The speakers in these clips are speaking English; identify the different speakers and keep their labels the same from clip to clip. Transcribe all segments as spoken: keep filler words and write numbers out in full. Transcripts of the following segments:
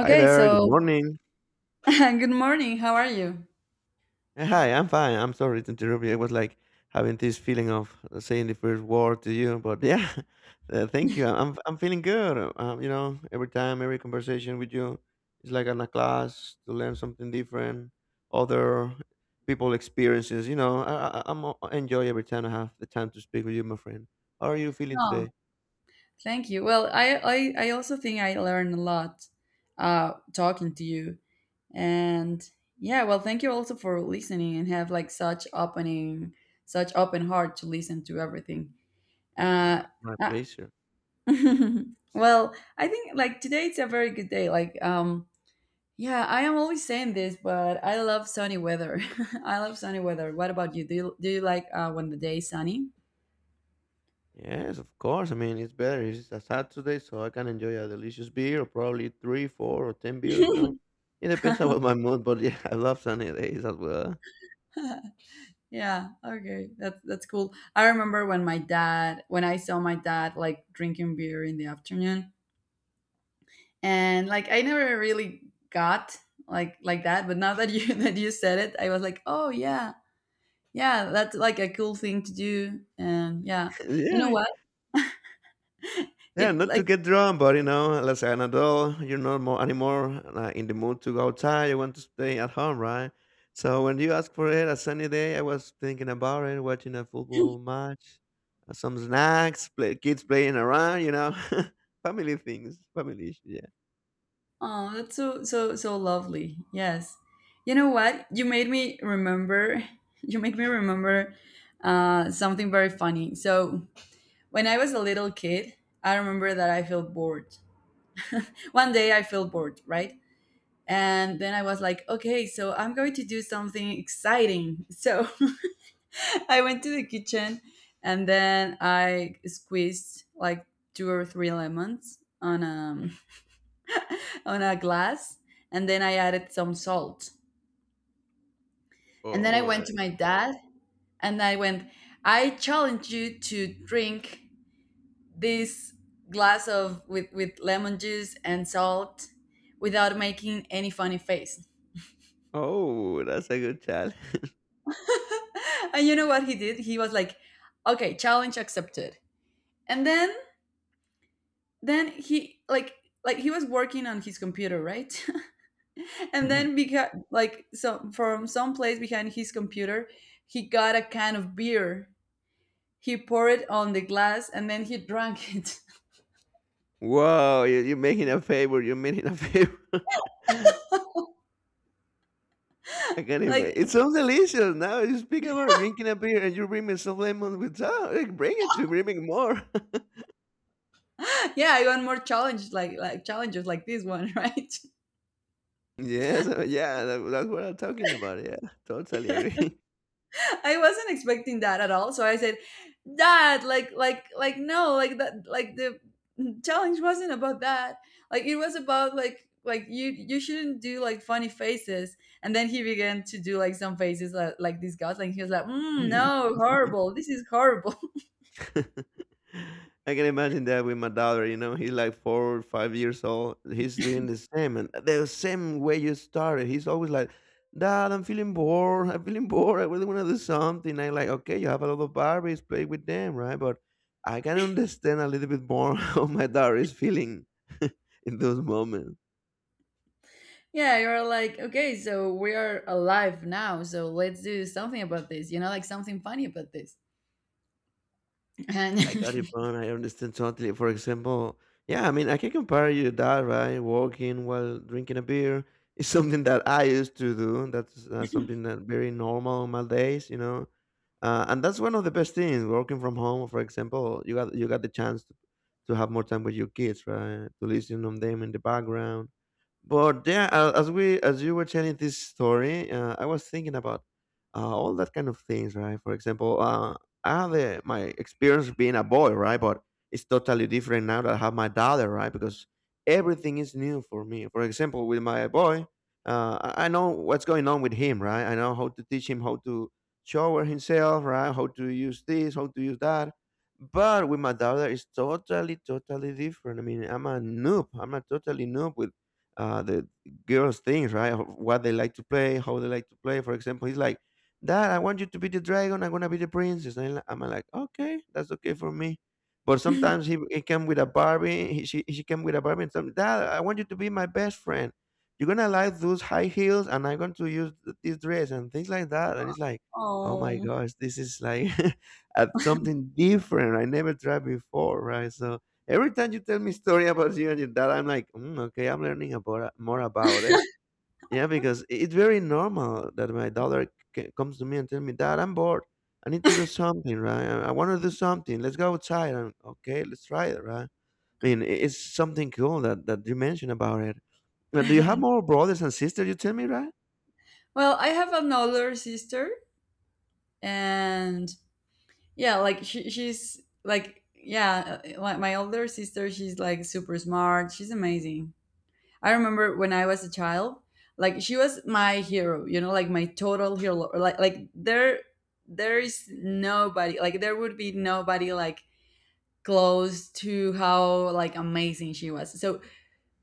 Speaker 1: Hi there. Good
Speaker 2: so
Speaker 1: morning.
Speaker 2: good morning. How are you?
Speaker 1: Uh, Hi, I'm fine. I'm sorry to interrupt you. I was like having this feeling of saying the first word to you, but yeah, uh, thank you. I'm I'm feeling good. Uh, Um, you know, every time, every conversation with you is like in a class to learn something different, other people experiences. You know, I, I I'm I enjoy every time I have the time to speak with you, my friend. How are you feeling
Speaker 2: Oh,
Speaker 1: today?
Speaker 2: thank you. Well, I, I, I also think I learned a lot uh, talking to you. And yeah, well, thank you also for listening and have like such opening, such open heart to listen to everything.
Speaker 1: Uh,
Speaker 2: Uh,
Speaker 1: my
Speaker 2: uh,
Speaker 1: pleasure.
Speaker 2: well, I think like today it's a very good day. Like, um, yeah, I am always saying this, but I love sunny weather. I love sunny weather. What about you? Do you, do you like uh, when the day is sunny?
Speaker 1: Yes, of course. I mean, it's better. It's a Saturday, so I can enjoy a delicious beer, or probably three, four, or ten beers. You know, it depends about my mood. But yeah, I love sunny days as well.
Speaker 2: Yeah, okay. That's that's cool. I remember when my dad when I saw my dad like drinking beer in the afternoon, and like I never really got like like that, but now that you that you said it, I was like, "Oh yeah. Yeah, that's like a cool thing to do." And yeah.
Speaker 1: Yeah,
Speaker 2: You
Speaker 1: I
Speaker 2: know
Speaker 1: mean,
Speaker 2: what?
Speaker 1: yeah,
Speaker 2: It
Speaker 1: not to
Speaker 2: like
Speaker 1: get drunk, but you know, as an adult, you're not more anymore uh, in the mood to go outside. You want to stay at home, right? So when you ask for it, a sunny day, I was thinking about it, watching a football match, uh, some snacks, play, kids playing around. You know, family things, family issues. Yeah.
Speaker 2: oh, that's so, so, so lovely. Yes. You know what? You made me remember you make me remember uh something very funny. So when I was a little kid, I remember that I felt bored. One day I felt bored, right? And then I was like, okay, so I'm going to do something exciting. So I went to the kitchen and then I squeezed like two or three lemons on a, on a glass, and then I added some salt. And then I
Speaker 1: Oh,
Speaker 2: went to my dad and I went, "I challenge you to drink this glass of, with, with lemon juice and salt, without making any funny face."
Speaker 1: oh, that's a good challenge.
Speaker 2: And you know what he did? He was like, "Okay, challenge accepted." And then then he like like he was working on his computer, right? And then, because like so from some place behind his computer, he got a can of beer. He poured it on the glass and then he drank it.
Speaker 1: Wow, you, you're making a favor. You're making a favor. I can
Speaker 2: Like,
Speaker 1: imagine. It sounds delicious. Now you speak about drinking a beer and you bring me some lemon with that. Like, bring it to bring me more.
Speaker 2: yeah, I want more challenge, like like challenges like this one, right?
Speaker 1: Yes, uh, yeah, that, that's what I'm talking about. Yeah, totally agree.
Speaker 2: I wasn't expecting that at all. So I said, "Dad, like, like, like, no, like that, like the challenge wasn't about that. Like, it was about like, like you, you shouldn't do like funny faces." And then he began to do like some faces like, like disgust. Like he was like, mm,
Speaker 1: Mhm.
Speaker 2: "No, horrible. This is horrible."
Speaker 1: I can imagine that with my daughter, you know, he's like four or five years old. He's doing the same and the same way you started. He's always like, Dad, I'm feeling bored. I'm feeling bored. I really want to do something. I'm like, okay, you have a lot of Barbies, play with them, right? But I can understand a little bit more how my daughter is feeling in those moments.
Speaker 2: Yeah, you're like, okay, so we are alive now. So let's do something about this. You know, like something funny about this. And
Speaker 1: I got it, man. I understand totally. For example, yeah, I mean, I can compare you to that, right? Walking while drinking a beer is something that I used to do. That's uh, something that very normal on my days, you know. Uh, and that's one of the best things. Working from home, for example, you got you got the chance to, to have more time with your kids, right? To listen on them in the background, but yeah, a- as we as you were telling this story, uh, I was thinking about uh, all that kind of things, right? For example, uh, I had the, my experience being a boy, right? But it's totally different now that I have my daughter, right? Because everything is new for me. For example, with my boy, uh, I I know what's going on with him, right? I know how to teach him how to shower himself, right? How to use this, how to use that. But with my daughter, it's totally, totally different. I mean, I'm a noob. I'm a totally noob uh, the girls' things, right? Of what they like to play, how they like to play. For example, he's like, "Dad, I want you to be the dragon. I'm gonna be the princess." And I'm like, "Okay, that's okay for me." But sometimes he, he came with a Barbie. He, she she came with a Barbie and some Dad, I want you to be my best friend. You're gonna like those high heels, and I'm going to use th- this dress and things like that. And it's like, oh my
Speaker 2: oh.
Speaker 1: gosh, this is like uh, something different. I never tried before, right? So every time you tell me story about you and your dad, I'm like, mm, okay, I'm learning about more about it. Yeah, because it's very normal that my daughter c- comes to me and tell me, Dad, I'm bored. I need to do something, right? I, I want to do something. Let's go outside. And okay, let's try it, right? I mean, i- it's something cool that, that you mentioned about it. Now, do you have more brothers and sisters? You tell me, right?
Speaker 2: Well, I have an older sister. And yeah, like she, she's like, yeah, uh, like my older sister, she's like super smart, she's amazing. I remember when I was a child, like she was my hero, you know, like my total hero. Like like there there is nobody like, there would be nobody like close to how like amazing she was. so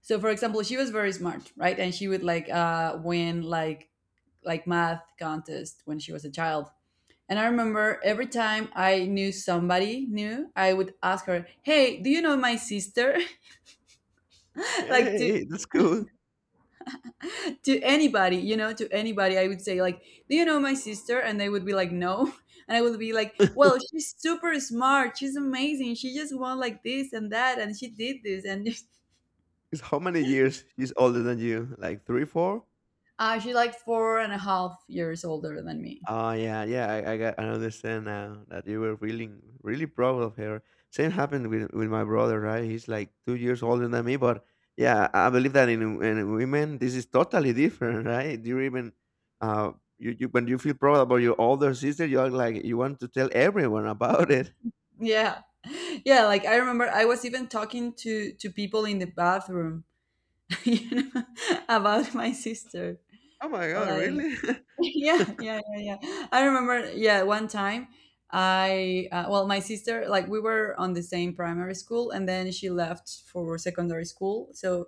Speaker 2: so for example, she was very smart, right? And she would like uh win like like math contest when she was a child. And I
Speaker 1: Wow.
Speaker 2: remember every time I knew somebody new, I would ask her, "Hey, do you know my sister?" Like, to
Speaker 1: Hey, that's cool.
Speaker 2: to anybody, you know, to anybody, I would say like, "Do you know my sister?" And they would be like, "No," and I would be like, "Well, she's super smart. She's amazing. She just won like this and that, and she did this." And
Speaker 1: It's how many years she's older than you? Like three, four?
Speaker 2: Uh, she's like four and a half years older than me.
Speaker 1: Oh yeah, yeah. I, I got I understand now that you were really really proud of her. Same happened with with my brother, right? He's like two years older than me, but yeah, I I believe that in in women this is totally different, right? You even uh you, you when you feel proud about your older sister, you're like you want to tell everyone about it.
Speaker 2: Yeah. Yeah, like I remember I was even talking to to people in the bathroom, you know, about my sister.
Speaker 1: Oh my god,
Speaker 2: Like,
Speaker 1: really?
Speaker 2: yeah, yeah, yeah, yeah, I remember, yeah, one time I uh, well, my sister, like we were on the same primary school, and then she left for secondary school. So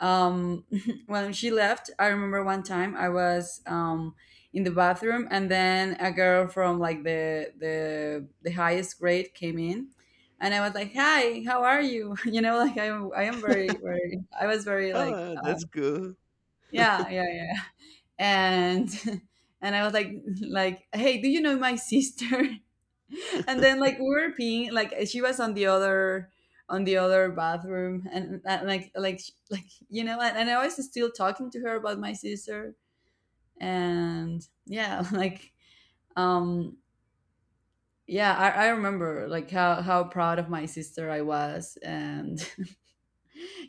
Speaker 2: um when she left, I remember one time I was um in the bathroom, and then a girl from like the the the highest grade came in. And I was like, hi, how are you? You know, like i am i am very, very. I was very like
Speaker 1: Oh,
Speaker 2: uh,
Speaker 1: that's cool.
Speaker 2: yeah, yeah, yeah. And and I was like like hey, do you know my sister? And then like, we were peeing, like she was on the other on the other bathroom. And, and like like like, you know, and, and I was still talking to her about my sister. And yeah, like um yeah, I, I remember like how how proud of my sister I was. And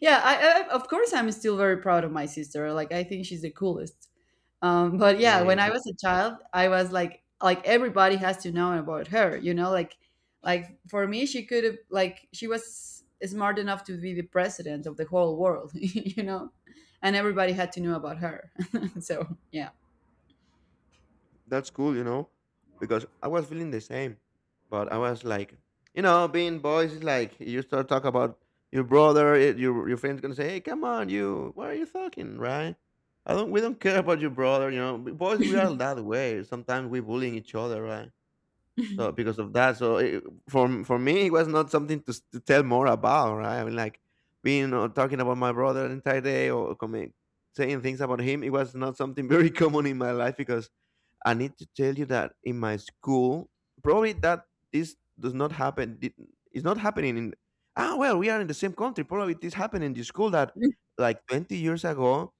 Speaker 2: yeah, I, I of course I'm still very proud of my sister. Like, I think she's the coolest. Um but yeah, when
Speaker 1: Hey,
Speaker 2: I was a child, I was like like everybody has to know about her. You know, like like for me she could have, like she was smart enough to be the president of the whole world. You know, and everybody had to know about her. So yeah.
Speaker 1: that's cool, you know, because I was feeling the same, but I was like, you know, being boys is like you start talk about your brother, eh, your your friends gonna say, hey, come on, you, what are you talking, right? I don't, we don't care about your brother, you know. B- Boys, we are that way. Sometimes we bullying each other, right? So because of that, so it, for for me, it was not something to, s- to tell more about, right? I mean, like being or talking about my brother the entire day or coming saying things about him, it was not something very common in my life because I need to tell you that in my school, probably that this does not happen. did- It's not happening in. Ah, well, we are in the same country. Probably this happened in the school that, like, twenty years ago,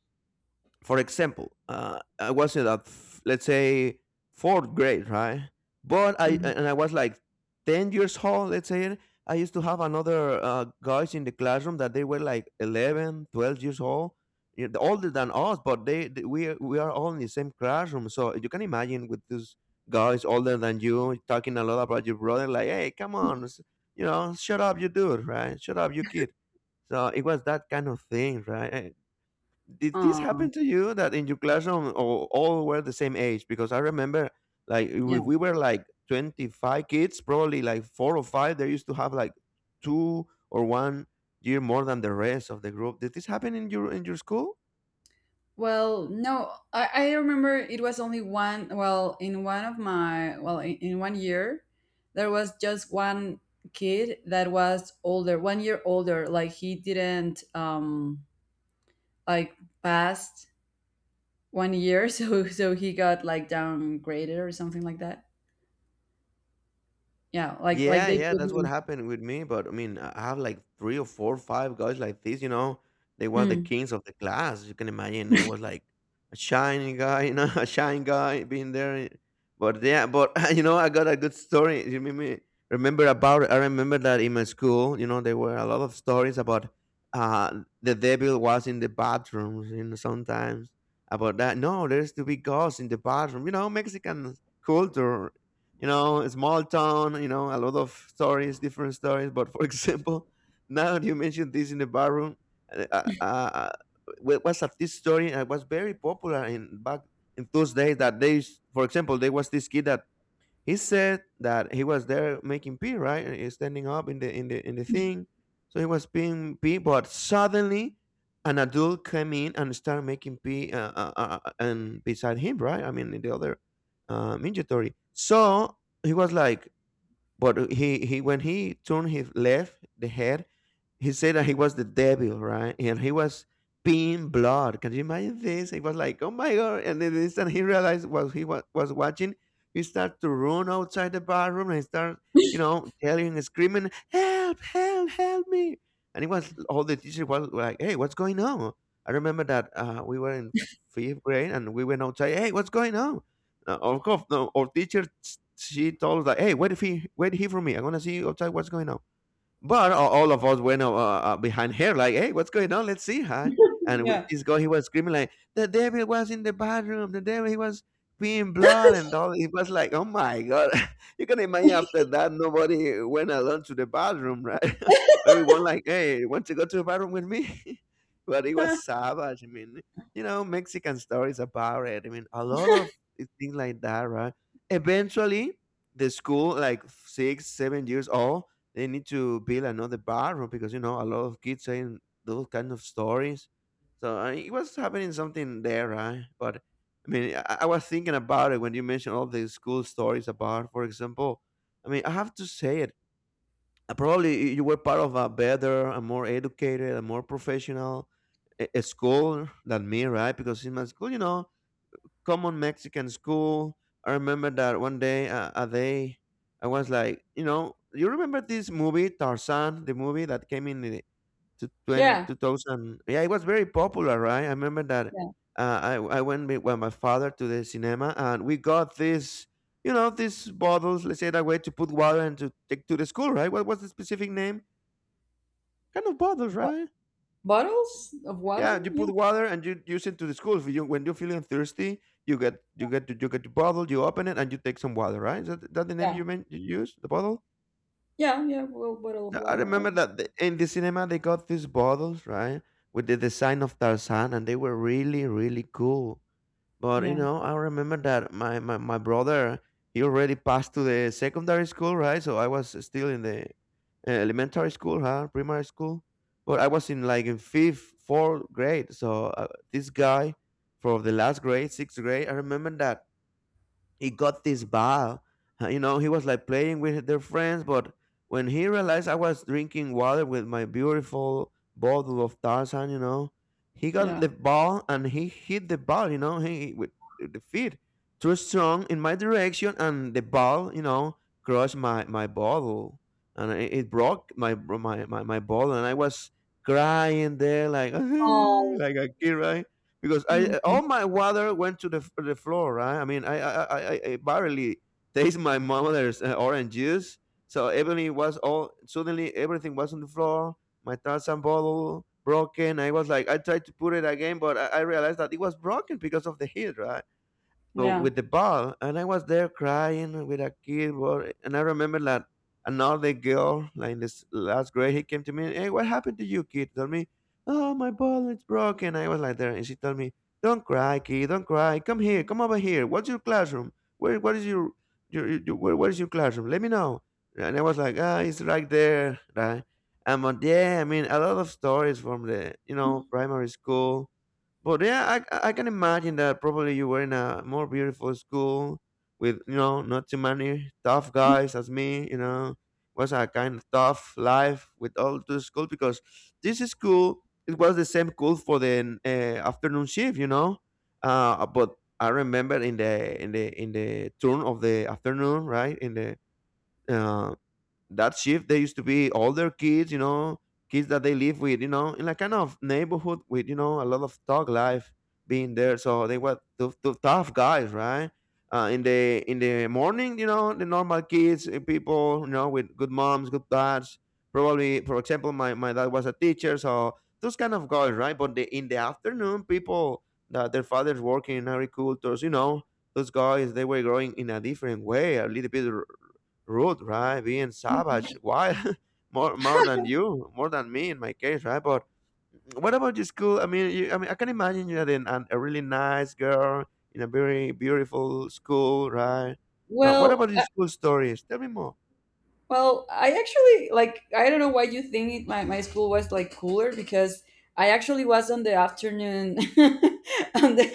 Speaker 1: for example, uh, I was in that, let's say, fourth grade, right? But I
Speaker 2: Mhm.
Speaker 1: and I was like ten years old, let's say. I used to have another uh, guys in the classroom that they were like eleven, twelve years old, yeah, they're older than us, but they, they- we are- we are all in the same classroom. So you can imagine with these guys older than you talking a lot about your brother, like, hey, come on, s- you know, shut up, you dude, right? Shut up, you kid. So it was that kind of thing, right? Did this
Speaker 2: Aw,
Speaker 1: happen to you that in your classroom all, all were the same age? Because I remember, like, if we were like twenty-five kids, probably like four or five, they used to have like two or one year more than the rest of the group. Did this happen in your in your school?
Speaker 2: well, no, I, I remember it was only one. Well, in one of my, well, in, in one year, there was just one kid that was older, one year older. Like he didn't, um, like passed one year, so so he got like downgraded or something like that. Yeah, like like
Speaker 1: Yeah,
Speaker 2: they
Speaker 1: yeah,
Speaker 2: put
Speaker 1: that's what
Speaker 2: him.
Speaker 1: happened with me. But I mean, I I have like three or four, five guys like this. You know, they were the
Speaker 2: Mm.
Speaker 1: kings of the class. You can imagine. I was like a shining guy, you know, a shine guy being there. But yeah, but you know, I got a good story. You made me remember about. It. I remember that in my school, you know, there were a lot of stories about uh the devil was in the bathrooms. You know, sometimes about that. No, there's to be ghosts in the bathroom. You know, Mexican culture, you know, a small town, you know, a lot of stories, different stories. But for example, now that you mentioned this in the barroom, uh, uh, uh, wa- was a this story and it was very popular in back in those days that they, s- for example, there was this kid that he said that he was there making pee, right? And he's standing up in the in the in the thing. So he was peeing pee, but suddenly an adult came in and started making pee uh, uh, uh, uh, and beside him, right? I mean, in the other uh, Ninja. So he was like, but he he when he turned his left, the head, he said that he was the devil, right? And he was peeing blood. Can you imagine this? He was like, oh my God. And then the instant he realized what he wa- was watching, he started to run outside the bathroom and start, you know, yelling and screaming, help, help, help me. And it was all the teachers was like, hey, what's going on? I remember that uh, we were in fifth grade and we went outside, hey, what's going on? Uh, of course, no, our teacher, she told us, like, hey, wait, if he, wait here for me. I'm going to see you outside what's going on, but a- all of us went uh, uh, uh, behind her, like, "Hey, what's going on? Let's see her." And with this guy, he was screaming like, "The devil was in the bathroom. The devil, he was peeing blood and all." It was like, "Oh my god!" You can imagine after that, nobody went alone to the bathroom, right? Everyone like, "Hey, want to go to the bathroom with me?" But it was savage. I mean, you know, Mexican stories about it. I mean, a lot of things like that, right? Eventually, the school, like six, seven years old, they need to build another barroom because you know a lot of kids saying those kind of stories. So I it was happening something there, right? But I mean, I, I was thinking about it when you mentioned all the school stories about, for example. I mean, I have to say it. uh, Probably you were part of a better, a more educated, a more professional a, a school than me, right? Because in my school, you know, common Mexican school. I remember that one day, uh, a day, I was like, you know, you remember this movie Tarzan, the movie that came in the to twenty,
Speaker 2: Yeah,
Speaker 1: two thousand? Yeah, it was very popular, right? I remember that
Speaker 2: yeah.
Speaker 1: uh, I I went with, with my father to the cinema, and we got this, you know, these bottles. Let's say that way to put water and to take to the school, right? What was the specific name? Kind of bottles,
Speaker 2: Bo-
Speaker 1: right?
Speaker 2: Bottles of
Speaker 1: Yeah,
Speaker 2: water.
Speaker 1: you
Speaker 2: Yeah,
Speaker 1: put water and you use it to the school. If you, When you're feeling thirsty, you get you get to, you get the bottle, you open it, and you take some water. Right? Is that, that the name
Speaker 2: yeah,
Speaker 1: you meant you use the bottle?
Speaker 2: yeah, yeah. Well, bottle of
Speaker 1: Yeah, I
Speaker 2: water. uh,
Speaker 1: remember that the- in the cinema they got these bottles, right, with the design of Tarzan, and they were really really cool. But, you
Speaker 2: Yeah,
Speaker 1: know, I remember that my, my, my brother, he already passed to the secondary school, right? So I was still in the uh, elementary school, huh? Primary school. But I was in like in fifth, fourth grade. So uh, this guy from the last grade, sixth grade, I remember that he got this bar. uh, You know, he was like playing with their friends, but when he realized I was drinking water with my beautiful bottle of Tarzan, you know, he got
Speaker 2: yeah.
Speaker 1: the ball and he hit the ball, you know, he with the feet too strong in my direction, and the ball, you know, crushed my my bottle, and it, it broke my my my my bottle, and I was crying there like
Speaker 2: Oh.
Speaker 1: like a kid, right? Because I all my water went to the the floor. Right? I mean, I I I, I barely taste my mother's uh, orange juice. So everything was all suddenly everything was on the floor. My Tarzan bottle broken. I was like, I tried to put it again, but I, I realized that it was broken because of the heat, right? So
Speaker 2: Yeah.
Speaker 1: with the ball, and I was there crying with a kid. Boy, and I remember that another girl, like in this last grade, he came to me. Hey, what happened to you, kid? Tell me. Oh, my ball is broken. I was like there, and she told me, "Don't cry, kid. Don't cry. Come here. Come over here. What's your classroom? Where? What is your your, your where, where is your classroom? Let me know." And I was like, "Ah, it's right there, right?" And but yeah, I mean, a lot of stories from the you know primary school but yeah, I I can imagine that probably you were in a more beautiful school with you know not too many tough guys as me. You know, was a kind of tough life with all through school because this school, it was the same school for the uh, afternoon shift. You know, uh, but I remember in the in the in the turn of the afternoon, right in the uh, that shift there used to be older kids you know kids that they live with you know in a kind of neighborhood with you know a lot of thug life being there so they were tough, tough, tough guys, right. Uh, in the in the morning you know the normal kids uh, people you know with good moms, good dads, probably. For example, my, my dad was a teacher, so those kind of guys, right? But the, in the afternoon, people that their fathers working in agricultures, you know, those guys they were growing in a different way, a little bit rude, right? Being savage, wild, more more than you, more than me in my case, right? But what about your school? I mean, you, I mean, I can imagine you had an, an, a really nice girl in a very beautiful school, right? Uh, what
Speaker 2: Well,
Speaker 1: about your
Speaker 2: uh,
Speaker 1: school stories? Tell me more.
Speaker 2: well, I actually like I don't know why you think my my school was like cooler, because I actually was on the afternoon, on the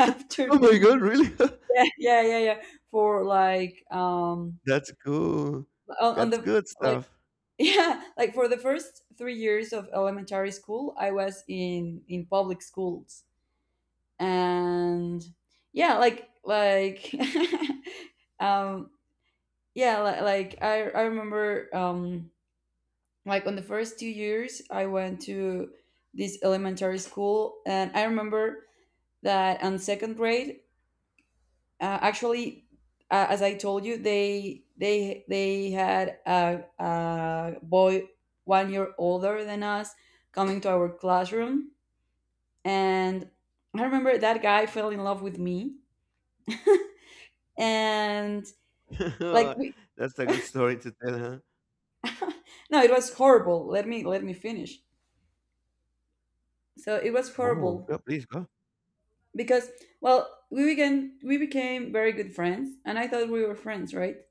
Speaker 1: Oh my
Speaker 2: afternoon.
Speaker 1: god, really?
Speaker 2: Yeah, yeah, yeah, yeah. For like um
Speaker 1: That's cool.
Speaker 2: on, on
Speaker 1: That's
Speaker 2: the,
Speaker 1: good
Speaker 2: like
Speaker 1: stuff.
Speaker 2: yeah, like for the first three years of elementary school, I was in in public schools. And yeah, like like um yeah, like, like I I remember um like on the first two years I went to this elementary school. And I remember that on second grade, uh, actually, uh, as I told you, they they they had a, a boy one year older than us coming to our classroom. And I remember that guy fell in love with me. And like we,
Speaker 1: That's a good story to tell, huh?
Speaker 2: no, it was horrible, let me let me finish. So it was
Speaker 1: Oh,
Speaker 2: horrible
Speaker 1: go, please go.
Speaker 2: because, well, we began we became very good friends, and I thought we were friends, right?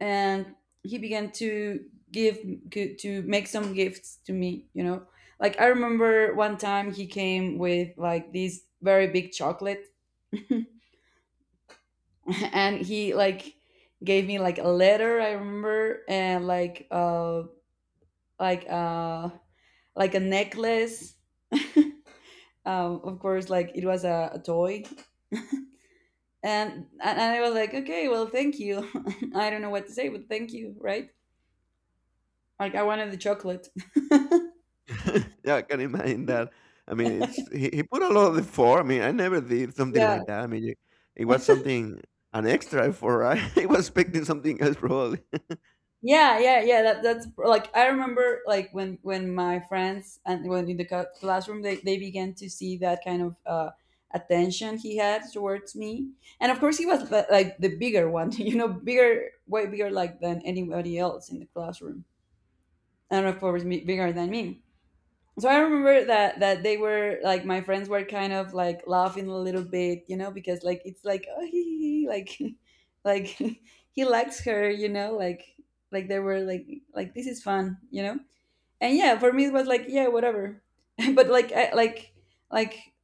Speaker 2: And he began to give to to make some gifts to me, you know. Like, I remember one time he came with like this very big chocolate, and he like gave me like a letter, I remember, and like uh like uh like a necklace. Um of course, like it was a, a toy, and and I was like, "Okay, well, thank you." I don't know what to say, but thank you, right? Like, I wanted the chocolate.
Speaker 1: Yeah, I can imagine that. I mean, it's he, he put a lot of effort. I mean, I never did something
Speaker 2: Yeah,
Speaker 1: like that. I mean, it, it was something an extra effort, right? I was expecting something else, probably.
Speaker 2: yeah, yeah, yeah. That that's like, I remember like when when my friends, and when in the cla- classroom, they they began to see that kind of uh, attention he had towards me, and of course he was the, like the bigger one, you know, bigger, way bigger like than anybody else in the classroom, and of course me, bigger than me. So I remember that that they were like, my friends were kind of like laughing a little bit, you know, because like it's like, oh, he, he, he, like like he likes her, you know, like like they were like like this is fun, you know. And yeah, for me it was like, yeah, whatever. But like I, like like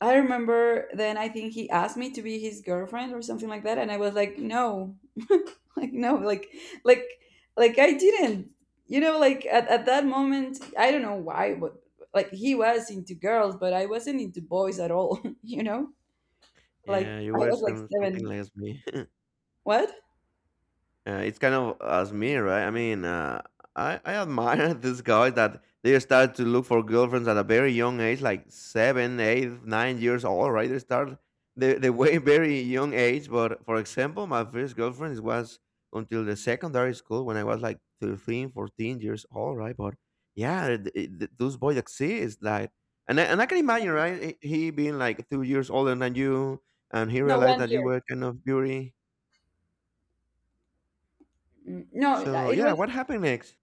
Speaker 2: I remember, then I think he asked me to be his girlfriend or something like that, and I was like, no. Like, no. Like like like I didn't you know like at, at that moment I don't know why, but like he was into girls but I wasn't into boys at all. You know, like
Speaker 1: Yeah, you
Speaker 2: I
Speaker 1: were
Speaker 2: was like
Speaker 1: some, something
Speaker 2: seven.
Speaker 1: like me.
Speaker 2: What?
Speaker 1: Uh, it's kind of as me, right? I mean, uh, I I admire these guys that they start to look for girlfriends at a very young age, like seven, eight, nine years old, right? They start the the way very young age. But for example, my first girlfriend was until the secondary school when I was like thirteen, fourteen years old, right? But yeah, th- th- those boys exist, like, and I, and I can imagine, right? He he being like two years older than you, and he
Speaker 2: No,
Speaker 1: realized
Speaker 2: one
Speaker 1: that you
Speaker 2: year.
Speaker 1: were kind of beauty.
Speaker 2: Mm, no.
Speaker 1: So
Speaker 2: It
Speaker 1: yeah,
Speaker 2: was,
Speaker 1: what happened next?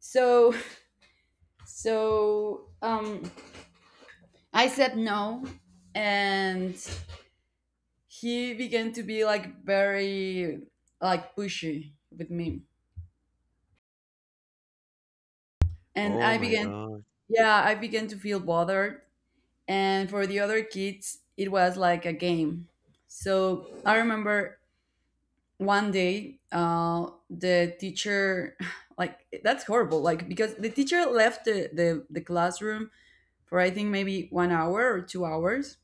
Speaker 2: so so um I said no. And he began to be like very, like pushy with me. And
Speaker 1: Oh
Speaker 2: I
Speaker 1: my
Speaker 2: began
Speaker 1: gosh!
Speaker 2: yeah, I began to feel bothered. And for the other kids it was like a game. So I remember, one day, uh, the teacher like that's horrible, like because the teacher left the, the, the classroom for I think maybe one hour or two hours.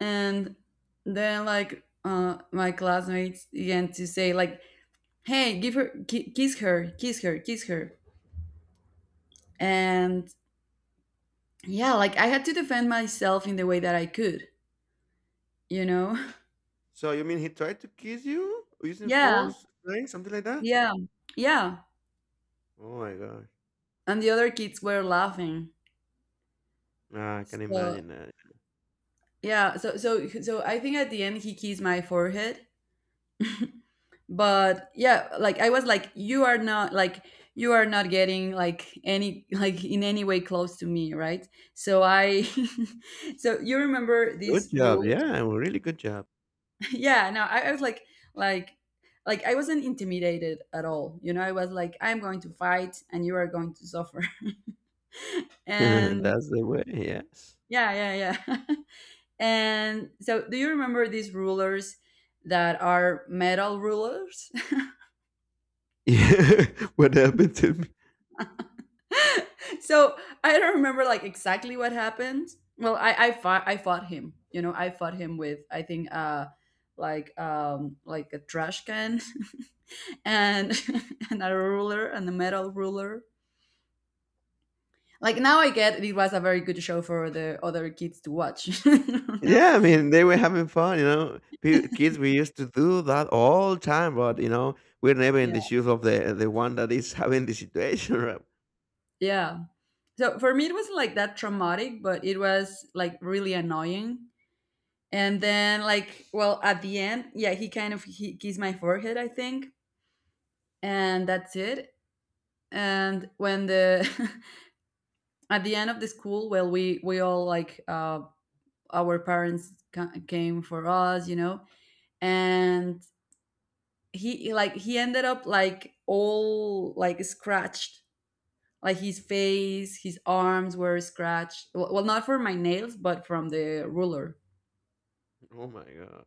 Speaker 2: And then like, uh, my classmates began to say like, hey, give her, ki- kiss her, kiss her, kiss her. And yeah, like I had to defend myself in the way that I could, you know.
Speaker 1: So you mean he tried to kiss you using
Speaker 2: Yeah.
Speaker 1: force, right? Something like that?
Speaker 2: Yeah. Yeah.
Speaker 1: Oh my gosh.
Speaker 2: And the other kids were laughing.
Speaker 1: Ah, I can
Speaker 2: So
Speaker 1: imagine that.
Speaker 2: yeah, so so so I think at the end he kissed my forehead. But yeah, like I was like, you are not like, you are not getting like any like in any way close to me, right? So I, so you remember
Speaker 1: Good
Speaker 2: these
Speaker 1: job.
Speaker 2: rules.
Speaker 1: Yeah, well, really good job.
Speaker 2: Yeah, no, I, I was like like like I wasn't intimidated at all, you know. I was like, I'm going to fight and you are going to suffer. And
Speaker 1: That's the way. Yes.
Speaker 2: yeah, yeah, yeah. And so, do you remember these rulers that are metal rulers?
Speaker 1: Yeah. What happened to me?
Speaker 2: So I don't remember like exactly what happened. Well, i i fought, I fought him, you know. I fought him with, I think, uh like, um like a trash can. And and a ruler, and a metal ruler. Like now I get it was a very good show for the other kids to watch. No?
Speaker 1: Yeah, I mean they were having fun, you know. Pe- Kids, we used to do that all the time, but you know we're never in
Speaker 2: Yeah.
Speaker 1: the shoes of the the one that is having the situation. Right?
Speaker 2: Yeah. So for me it wasn't like that traumatic, but it was like really annoying. And then like, well at the end, yeah, he kind of, he kissed my forehead, I think. And that's it. And when the at the end of the school, well, we we all like, uh our parents ca- came for us, you know. And he like, he ended up like all like scratched, like his face, his arms were scratched, well, well not for my nails but from the ruler.
Speaker 1: Oh my god.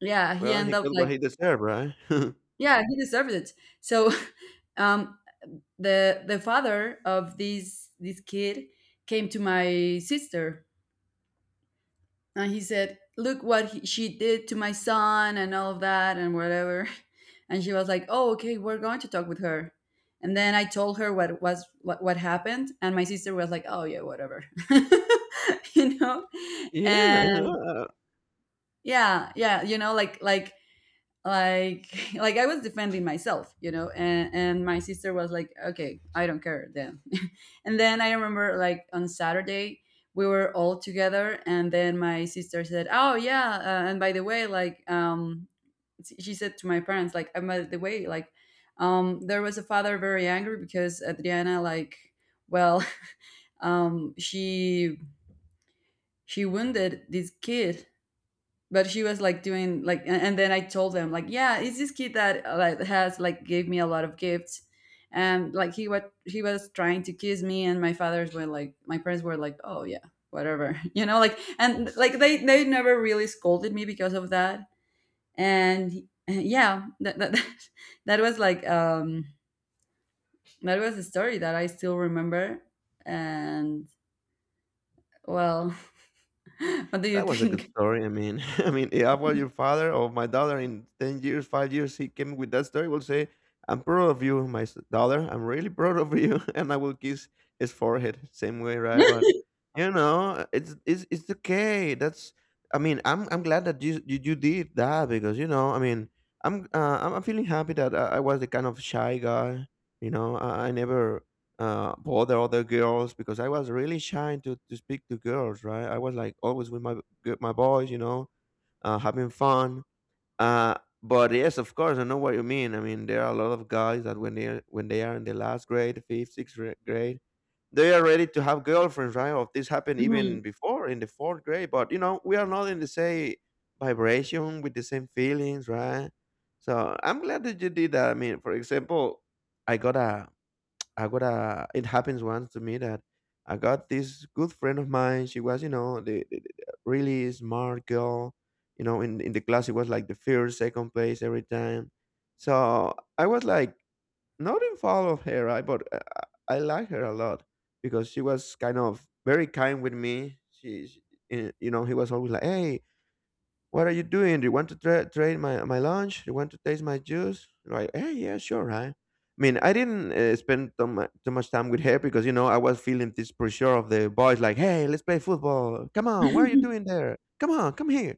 Speaker 2: Yeah, he
Speaker 1: Well,
Speaker 2: ended
Speaker 1: he
Speaker 2: up
Speaker 1: got
Speaker 2: like,
Speaker 1: what he deserved, right?
Speaker 2: yeah, he deserved it. So, um the the father of this this kid came to my sister and he said, "Look what he, she did to my son and all of that and whatever." And she was like, "Oh, okay, we're going to talk with her." And then I told her what was what, what happened, and my sister was like, "Oh yeah, whatever," you know.
Speaker 1: Yeah, I
Speaker 2: And
Speaker 1: know.
Speaker 2: yeah, yeah, you know, like like like like I was defending myself, you know. And and my sister was like, okay, I don't care then. And then I remember like, on Saturday, we were all together and then my sister said, oh yeah, uh, and by the way like, um she said to my parents like, and by the way like, um there was a father very angry because Adriana, like, well, um she she wounded this kid. But she was like doing like, and, and then I told them like, yeah, it's this kid that, uh, like has like gave me a lot of gifts, and like he was, he was trying to kiss me. And my fathers were like, my parents were like, oh yeah, whatever. You know, like, and like they they never really scolded me because of that. And yeah, that that, that was like, um that was a story that I still remember. And well, what do you
Speaker 1: That was a good
Speaker 2: think?
Speaker 1: story. I mean, I mean, if I was your father or my daughter in ten years, five years, he came with that story, will say, "I'm proud of you, my s- daughter. I'm really proud of you," and I will kiss his forehead same way, right? But you know, it's it's it's okay. That's I mean, I'm I'm glad that you you, you did that because you know, I mean, I'm uh, I'm I'm feeling happy that I, I was the kind of shy guy. You know, I, I never uh, for other other girls because I was really shy to, to speak to girls, right? I was like always with my g- my boys, you know, uh, having fun. Uh, but yes, of course, I know what you mean. I mean, there are a lot of guys that when they are, when they are in the last grade, fifth, sixth ra- grade, they are ready to have girlfriends, right? Or this happened
Speaker 2: Mhm.
Speaker 1: even before in the fourth grade, but you know, we are not in the same vibration with the same feelings, right? So I'm glad that you did that. I mean, for example, I got a I got a. It happens once to me that I got this good friend of mine. She was, you know, the, the, the really smart girl. You know, in in the class, it was like the first, second place every time. So I was like not in fall of her, right? But I, I I like her a lot because she was kind of very kind with me. She, she eh, you know, he was always like, "Hey, what are you doing? Do you want to try trade my, my lunch? Do you want to taste my juice? Like, hey, yeah, sure. I, I mean, I didn't uh, spend too, mu- too much time with her because, you know, I was feeling this pressure of the boys like, hey, let's play football. Come on, what are you doing there? Come on, come here.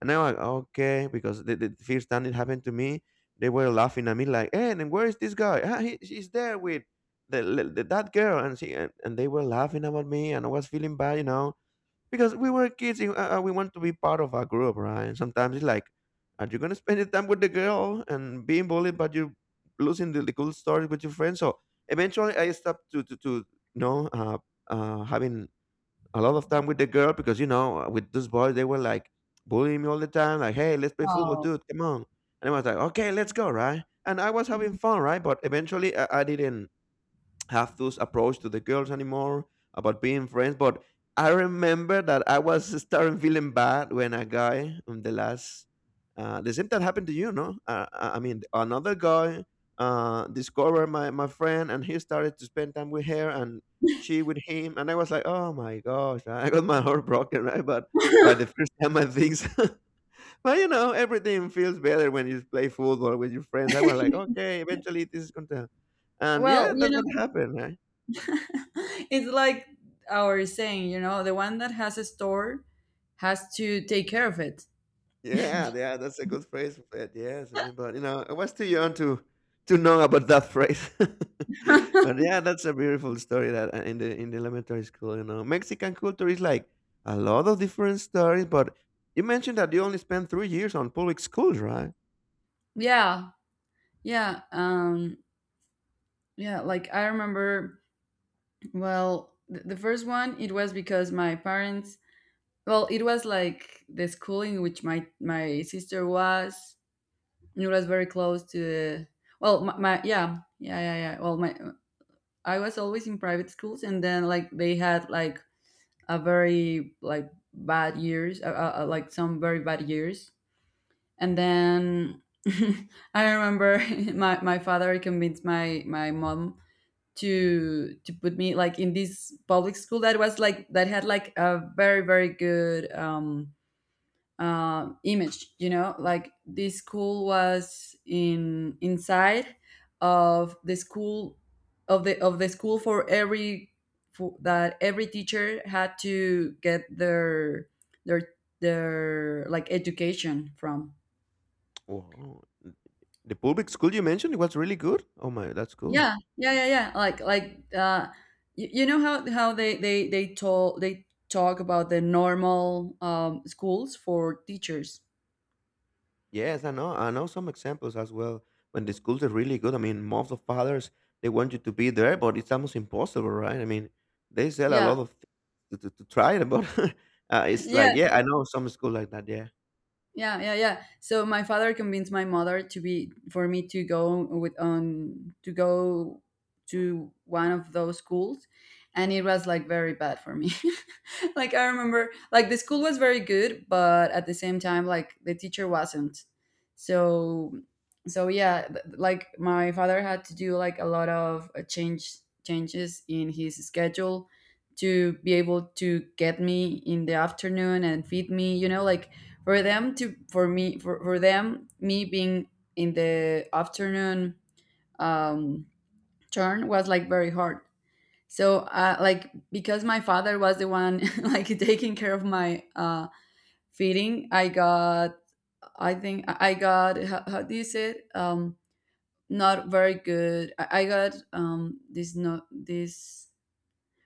Speaker 1: And I was like, okay, because the, the first time it happened to me, they were laughing at me like, hey, and where is this guy? Ah, he, she's there with the, the, that girl. And, she, and, and they were laughing about me and I was feeling bad, you know because we were kids and, uh, uh, we want to be part of a group right sometimes it's like are you going to spend your time with the girl and being bullied but you're losing the, the cool stories with your friends so eventually I stopped to to, to you know uh, uh, having a lot of time with the girl because you know uh, with those boys they were like bullying me all the time like hey let's play football
Speaker 2: Oh.
Speaker 1: dude come on and I was like okay let's go right and I was having fun right but eventually i, I didn't have those approach to the girls anymore about being friends. But I remember that I was starting feeling bad when a guy on the last uh, the same that happened to you, no? Uh, I I mean, another guy uh, discovered my my friend, and he started to spend time with her, and she with him, and I was like, oh my gosh, I got my heart broken, right? But by the first time I think, so. But you know, everything feels better when you play football with your friends. I was like, okay, eventually this is going to, and
Speaker 2: Well,
Speaker 1: yeah,
Speaker 2: you
Speaker 1: that's what
Speaker 2: know,
Speaker 1: happened, right?
Speaker 2: it's like our saying, you know, the one that has a store has to take care of it.
Speaker 1: Yeah, yeah, that's a good phrase for it. Yes, I mean, but you know, I was too young to to know about that phrase. But yeah, that's a beautiful story that uh, in the in the elementary school, you know, Mexican culture is like a lot of different stories. But you mentioned that you only spent three years on public schools, right?
Speaker 2: Yeah, yeah, um, yeah. Like I remember, well, th- the first one, it was because my parents. Well, it was like the school in which my my sister was. It was very close to the. Well, my, my, yeah, yeah, yeah, yeah. Well, my, I was always in private schools, and then like they had like a very like bad years, uh, uh, uh, like some very bad years. And then I remember my, my father convinced my my mom to to put me like in this public school that was like, that had like a very, very good, um um, image, you know. Like this school was in, inside of the school, of the, of the school for every, for, that every teacher had to get their their their like education from.
Speaker 1: Wow, the public school you mentioned was really good. Oh my, that's cool.
Speaker 2: Yeah, yeah, yeah, yeah, like like uh you, you know how how they they they told, they talk about the normal, um schools for teachers.
Speaker 1: Yes, I know. I know some examples as well when the schools are really good. I mean, moms of fathers they want you to be there, but it's almost impossible, right? I mean, they sell a
Speaker 2: Yeah,
Speaker 1: lot of things to, to, to try it, but uh, it's
Speaker 2: yeah.
Speaker 1: like, yeah, I know some school like that. Yeah,
Speaker 2: Yeah, yeah, yeah. So my father convinced my mother to be for me to go with, on to go to one of those schools, and it was like very bad for me. Like I remember, like the school was very good, but at the same time, like the teacher wasn't. So, so yeah, th- like my father had to do like a lot of, uh, change, changes in his schedule to be able to get me in the afternoon and feed me. You know, like for them to, for me, for, for them, me being in the afternoon, um turn was like very hard. So, uh, like because my father was the one like taking care of my, uh feeding, I got, I think I got how, how do you say it, um not very good. i, I got, um this, not this,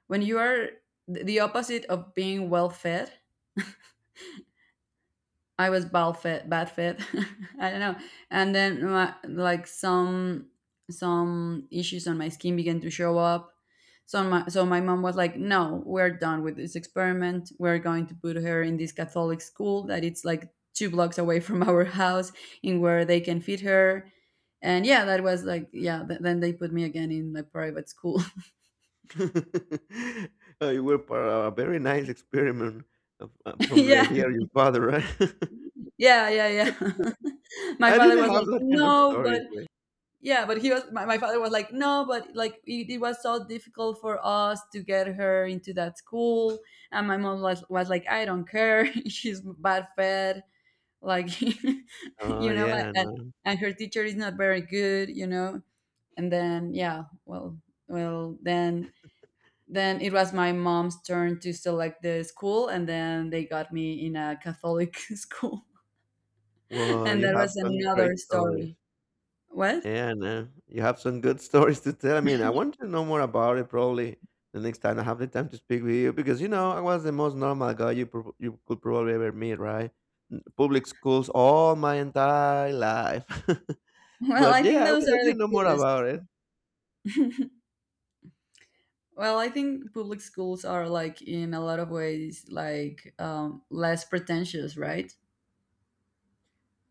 Speaker 2: when you are, the the opposite of being well fed. I was bad fit, bad fit. I don't know. And then my, like some some issues on my skin began to show up. So my, so my mom was like, "No, we're done with this experiment. We're going to put her in this Catholic school that it's like two blocks away from our house, in where they can feed her." And yeah, that was like, yeah. Th- then they put me again in a private school.
Speaker 1: uh, you were part of a very nice experiment of, uh, from the
Speaker 2: Yeah,
Speaker 1: idea of your father, right?
Speaker 2: yeah, yeah, yeah. My
Speaker 1: I
Speaker 2: father
Speaker 1: didn't
Speaker 2: was
Speaker 1: have
Speaker 2: like,
Speaker 1: that kind of
Speaker 2: "No, but,
Speaker 1: stories, way.
Speaker 2: yeah, but he was," my, my father was like, "No, but like, it, it was so difficult for us to get her into that school." And my mom was, was like, "I don't care." She's bad fed, like,
Speaker 1: Oh
Speaker 2: you know,
Speaker 1: yeah,
Speaker 2: and,
Speaker 1: no. Know.
Speaker 2: and her teacher is not very good, you know. And then, yeah, well, well then then it was my mom's turn to select the school, and then they got me in a Catholic school.
Speaker 1: Well,
Speaker 2: And
Speaker 1: you
Speaker 2: that
Speaker 1: have
Speaker 2: was
Speaker 1: some
Speaker 2: another
Speaker 1: great stories.
Speaker 2: story. What?
Speaker 1: Yeah, no. You have some good stories to tell. I mean, I want to know more about it probably the next time I have the time to speak with you because, you know, I was the most normal guy you prob you could probably ever meet, right? Public schools all my entire life.
Speaker 2: Well,
Speaker 1: But
Speaker 2: I think
Speaker 1: yeah, I
Speaker 2: those
Speaker 1: will let
Speaker 2: are
Speaker 1: you
Speaker 2: the
Speaker 1: know more
Speaker 2: coolest.
Speaker 1: about it.
Speaker 2: Well, I think public schools are like, in a lot of ways, like, um, less pretentious, right?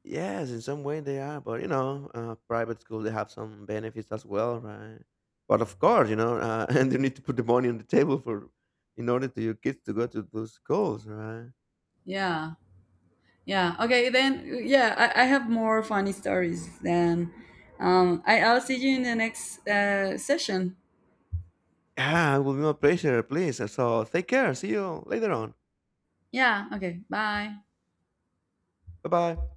Speaker 1: Yes, in some way they are, but you know, uh, private school they have some benefits as well, right? But of course, you know, uh, and you need to put the money on the table for in order to your kids to go to those schools, right?
Speaker 2: Yeah, yeah. Okay, then yeah, I, I have more funny stories then. Um, I, I'll see you in the next, uh, session.
Speaker 1: Yeah, it will be my pleasure, please. So take care. See you later on.
Speaker 2: Yeah. Okay. Bye.
Speaker 1: Bye bye.